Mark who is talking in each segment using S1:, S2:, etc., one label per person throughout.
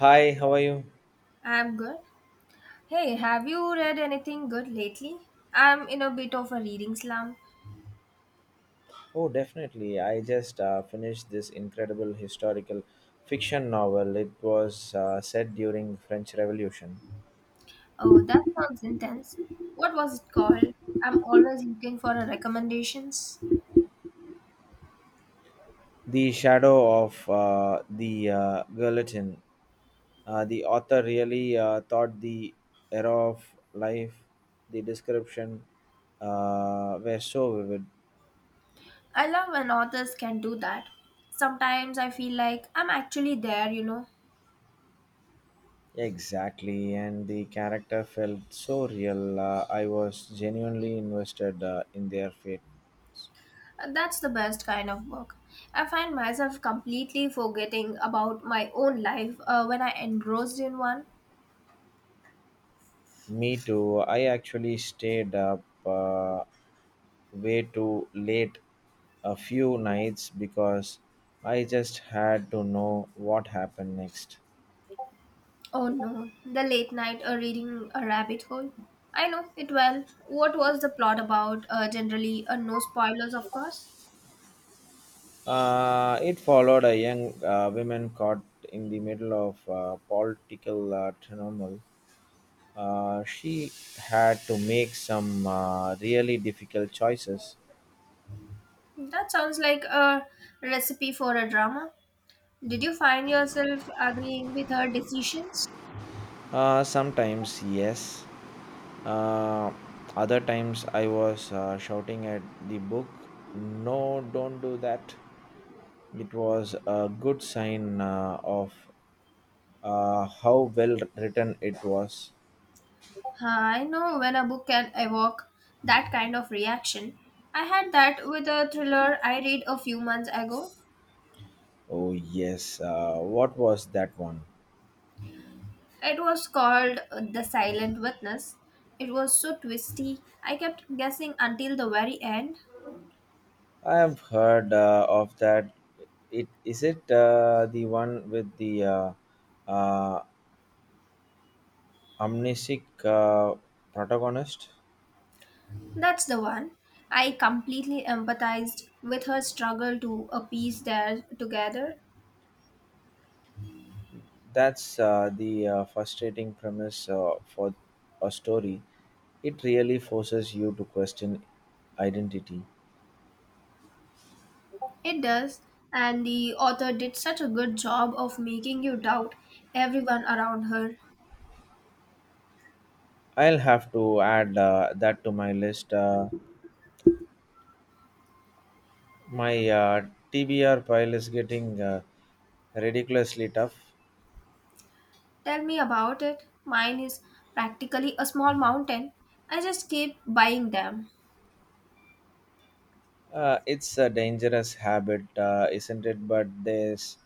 S1: Hi, how are you?
S2: I'm good. Hey, have you read anything good lately? I'm in a bit of a reading slump.
S1: Oh, definitely. I just finished this incredible historical fiction novel. It was set during French Revolution.
S2: Oh, that sounds intense. What was it called? I'm always looking for a recommendations.
S1: The Shadow of the Guillotine. The author really thought the era of life, the description were so vivid.
S2: I love when authors can do that. Sometimes I feel like I'm actually there.
S1: Exactly, and the character felt so real. I was genuinely invested in their fate.
S2: That's the best kind of book. I find myself completely forgetting about my own life when I engrossed in one.
S1: Me too. I actually stayed up way too late a few nights because I just had to know what happened next.
S2: Oh no, the late night reading a rabbit hole. I know it well. What was the plot about? Generally, no spoilers, of course.
S1: It followed a young woman caught in the middle of political turmoil. She had to make some really difficult choices.
S2: That sounds like a recipe for a drama. Did you find yourself agreeing with her decisions?
S1: Sometimes, yes. Uh, Other times I was shouting at the book, no, don't do that. It was a good sign of how well written it was.
S2: Huh, I know when a book can evoke that kind of reaction. I had that with a thriller I read a few months ago.
S1: Oh, yes. What was that one?
S2: It was called The Silent Witness. It was so twisty. I kept guessing until the very end.
S1: I have heard of that. It is it the one with the uh, amnesic protagonist?
S2: That's the one. I completely empathized with her struggle to appease their together.
S1: That's the frustrating premise for a story. It really forces you to question identity.
S2: It does, and the author did such a good job of making you doubt everyone around her.
S1: I'll have to add that to my list. My TBR pile is getting ridiculously tough.
S2: Tell me about it. Mine is practically a small mountain. I just keep buying them.
S1: It's a dangerous habit, isn't it? But there's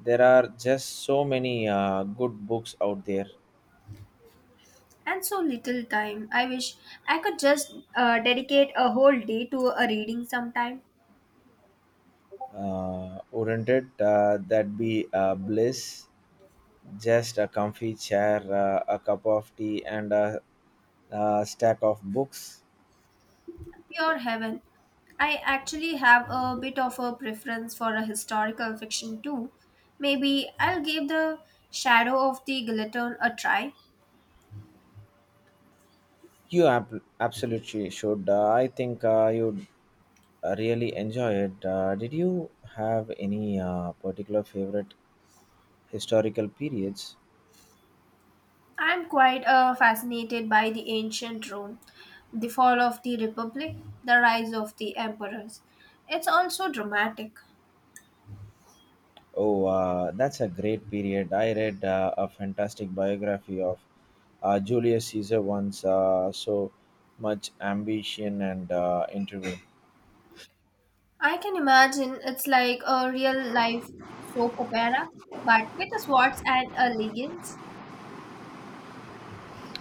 S1: there are just so many good books out there.
S2: And so little time. I wish I could just dedicate a whole day to a reading sometime.
S1: Wouldn't it? That be bliss. Just a comfy chair, a cup of tea, and a stack of books.
S2: Pure heaven. I actually have a bit of a preference for a historical fiction too. Maybe I'll give The Shadow of the Guillotine a try.
S1: You absolutely should. I think you'd really enjoy it. Did you have any particular favorite historical periods?
S2: I'm quite fascinated by the ancient Rome, the fall of the Republic, the rise of the emperors. It's also dramatic.
S1: Oh, that's a great period. I read a fantastic biography of Julius Caesar once, so much ambition and intrigue.
S2: I can imagine it's like a real life soap opera, but with a swords and a legions.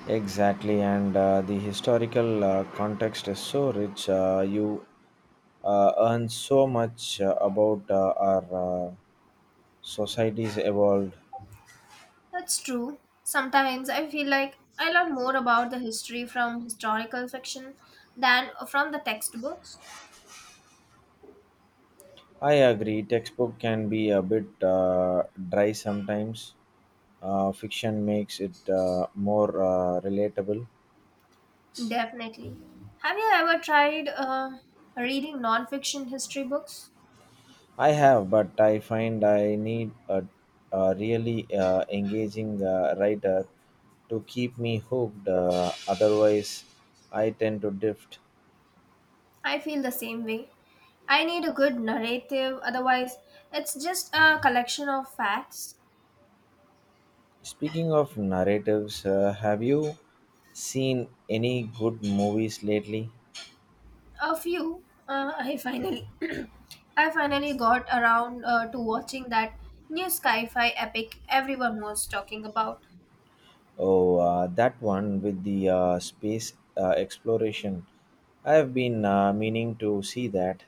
S1: Exactly, and the historical context is so rich. You learn so much about our societies evolved.
S2: That's true. Sometimes I feel like I learn more about the history from historical fiction than from the textbooks.
S1: I agree, textbook can be a bit dry sometimes. Fiction makes it more relatable.
S2: Definitely. Have you ever tried reading non-fiction history books?
S1: I have, but I find I need a really engaging writer to keep me hooked. Otherwise, I tend to drift.
S2: I feel the same way. I need a good narrative, otherwise, it's just a collection of facts.
S1: Speaking of narratives, have you seen any good movies lately?
S2: A few, I finally got around to watching that new sci-fi epic everyone was talking about.
S1: Oh, that one with the space exploration. I have been meaning to see that.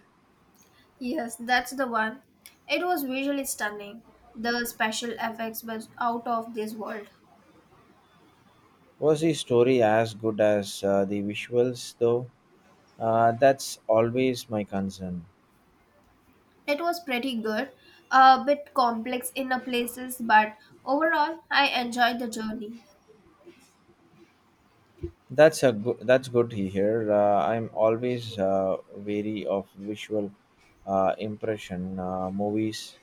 S2: Yes, that's the one. It was visually stunning. The special effects was out of this world.
S1: Was the story as good as the visuals, though? That's always my concern.
S2: It was pretty good, a bit complex in a places, but overall I enjoyed the journey.
S1: That's a good. That's good to hear. I'm always wary of visual impression movies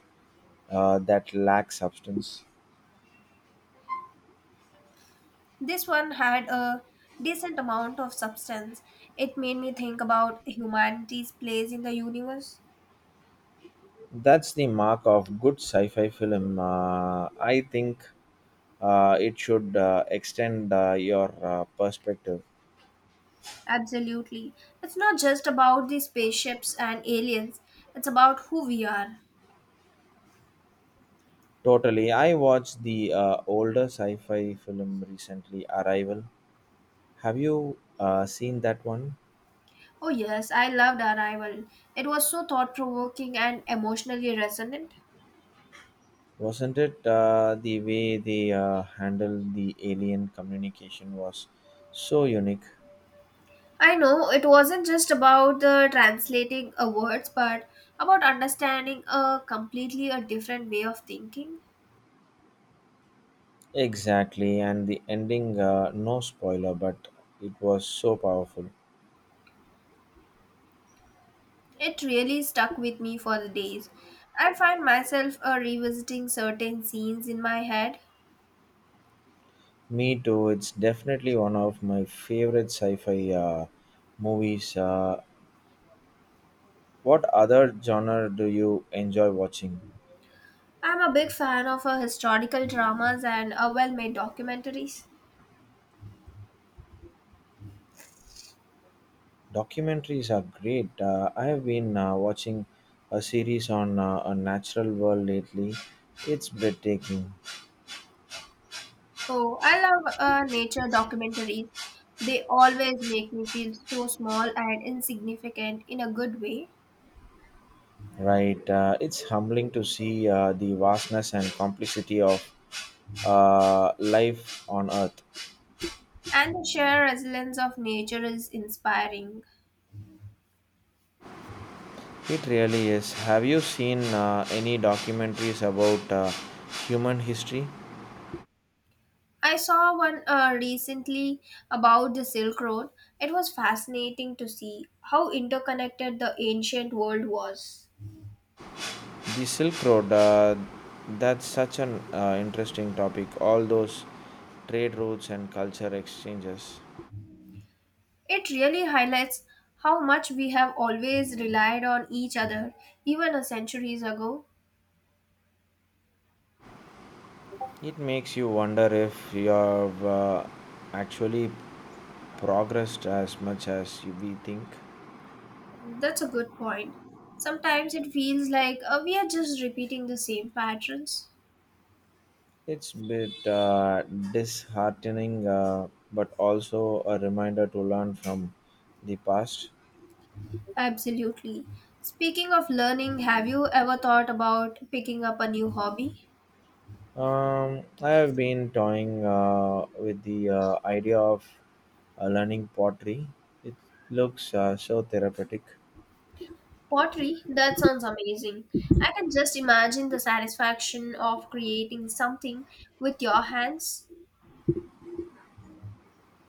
S1: that lack substance.
S2: This one had a decent amount of substance. It made me think about humanity's place in the universe.
S1: That's the mark of good sci-fi film. I think it should extend your perspective.
S2: Absolutely. It's not just about the spaceships and aliens, it's about who we are.
S1: Totally. I watched the older sci-fi film recently, Arrival. Have you seen that one?
S2: Oh, yes, I loved Arrival. It was so thought provoking and emotionally resonant.
S1: Wasn't it the way they handled the alien communication was so unique?
S2: I know it wasn't just about the translating of words, but about understanding a completely a different way of thinking.
S1: Exactly, and the ending, no spoiler, but it was so powerful.
S2: It really stuck with me for the days. I find myself revisiting certain scenes in my head.
S1: Me too, it's definitely one of my favorite sci fi movies. What other genre do you enjoy watching?
S2: I'm a big fan of historical dramas and well made documentaries.
S1: Documentaries are great. I have been watching a series on a natural world lately, it's breathtaking.
S2: Oh, I love nature documentaries. They always make me feel so small and insignificant in a good way.
S1: Right. It's humbling to see the vastness and complexity of life on Earth.
S2: And the sheer resilience of nature is inspiring.
S1: It really is. Have you seen any documentaries about human history?
S2: I saw one recently about the Silk Road. It was fascinating to see how interconnected the ancient world was.
S1: The Silk Road, that's such an interesting topic. All those trade routes and culture exchanges.
S2: It really highlights how much we have always relied on each other, even a centuries ago.
S1: It makes you wonder if you have actually progressed as much as we think.
S2: That's a good point. Sometimes it feels like we are just repeating the same patterns.
S1: It's a bit disheartening, but also a reminder to learn from the past.
S2: Absolutely. Speaking of learning, have you ever thought about picking up a new hobby?
S1: I have been toying with the idea of learning pottery. It looks so therapeutic.
S2: Pottery? That sounds amazing. I can just imagine the satisfaction of creating something with your hands.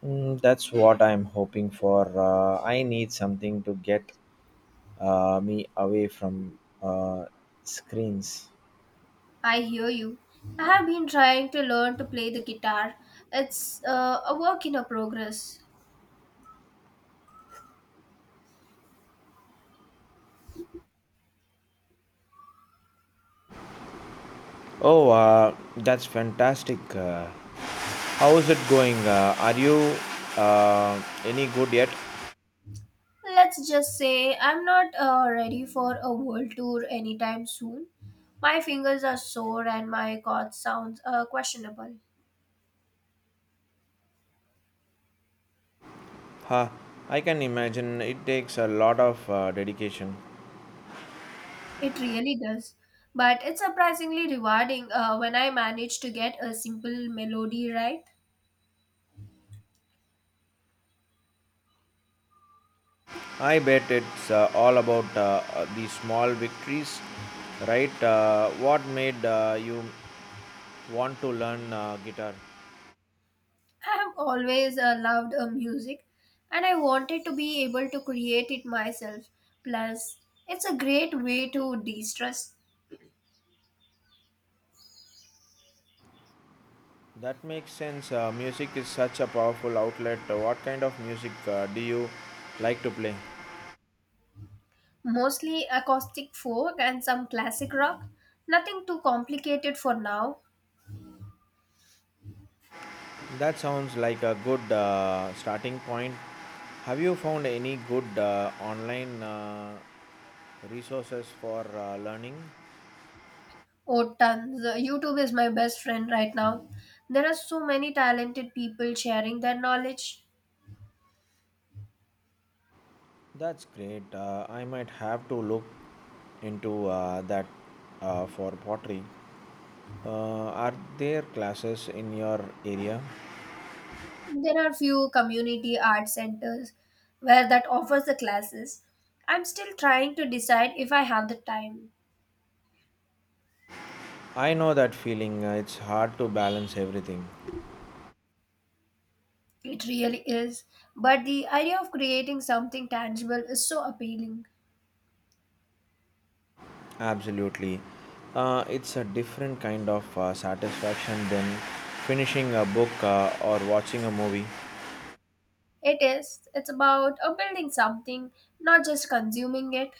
S1: That's what I'm hoping for. I need something to get me away from uh, screens.
S2: I hear you. I have been trying to learn to play the guitar. It's a work in a progress.
S1: Oh, that's fantastic. How's it going? Are you any good yet?
S2: Let's just say I'm not ready for a world tour anytime soon. My fingers are sore and my cough sounds questionable.
S1: Huh, I can imagine it takes a lot of dedication.
S2: It really does. But it's surprisingly rewarding when I manage to get a simple melody right.
S1: I bet it's all about the small victories, right? What made you want to learn guitar?
S2: I have always loved music and I wanted to be able to create it myself. Plus, it's a great way to de stress.
S1: That makes sense. Music is such a powerful outlet. What kind of music do you like to play?
S2: Mostly acoustic folk and some classic rock. Nothing too complicated for now.
S1: That sounds like a good starting point. Have you found any good online resources for learning?
S2: Oh, tons. YouTube is my best friend right now. There are so many talented people sharing their knowledge.
S1: That's great. I might have to look into that for pottery. Are there classes in your area?
S2: There are few community art centers where that offers the classes. I'm still trying to decide if I have the time.
S1: I know that feeling. It's hard to balance everything.
S2: It really is. But the idea of creating something tangible is so appealing.
S1: Absolutely. It's a different kind of satisfaction than finishing a book or watching a movie.
S2: It is. It's about building something, not just consuming it.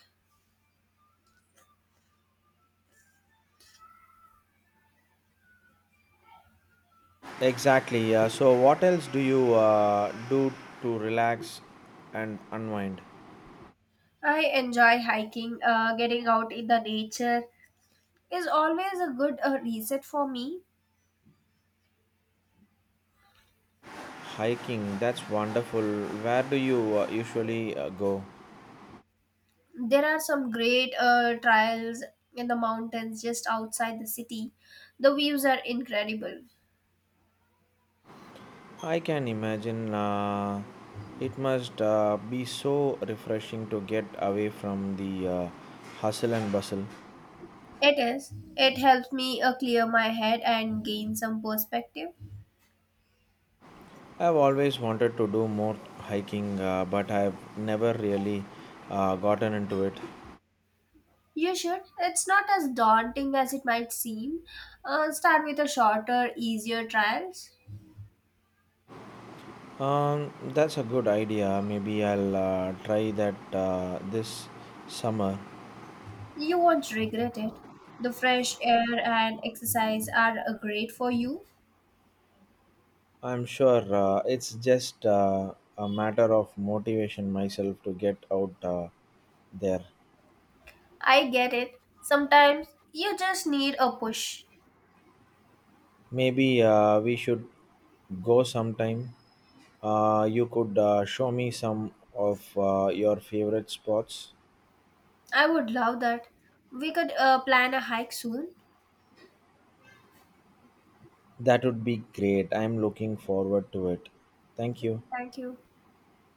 S1: Exactly. So, what else do you do to relax and unwind?
S2: I enjoy hiking, getting out in the nature is always a good reset for me.
S1: Hiking, that's wonderful. Where do you usually go?
S2: There are some great trails in the mountains just outside the city. The views are incredible.
S1: I can imagine it must be so refreshing to get away from the hustle and bustle.
S2: It is. It helps me clear my head and gain some perspective.
S1: I've always wanted to do more hiking, but I've never really gotten into it.
S2: You should. It's not as daunting as it might seem. Start with a shorter, easier trials.
S1: That's a good idea. Maybe I'll try that this summer.
S2: You won't regret it. The fresh air and exercise are great for you.
S1: I'm sure it's just a matter of motivation myself to get out there.
S2: I get it. Sometimes you just need a push.
S1: Maybe we should go sometime. You could show me some of your favorite spots.
S2: I would love that. We could plan a hike soon.
S1: That would be great. I'm looking forward to it. Thank you.
S2: Thank you.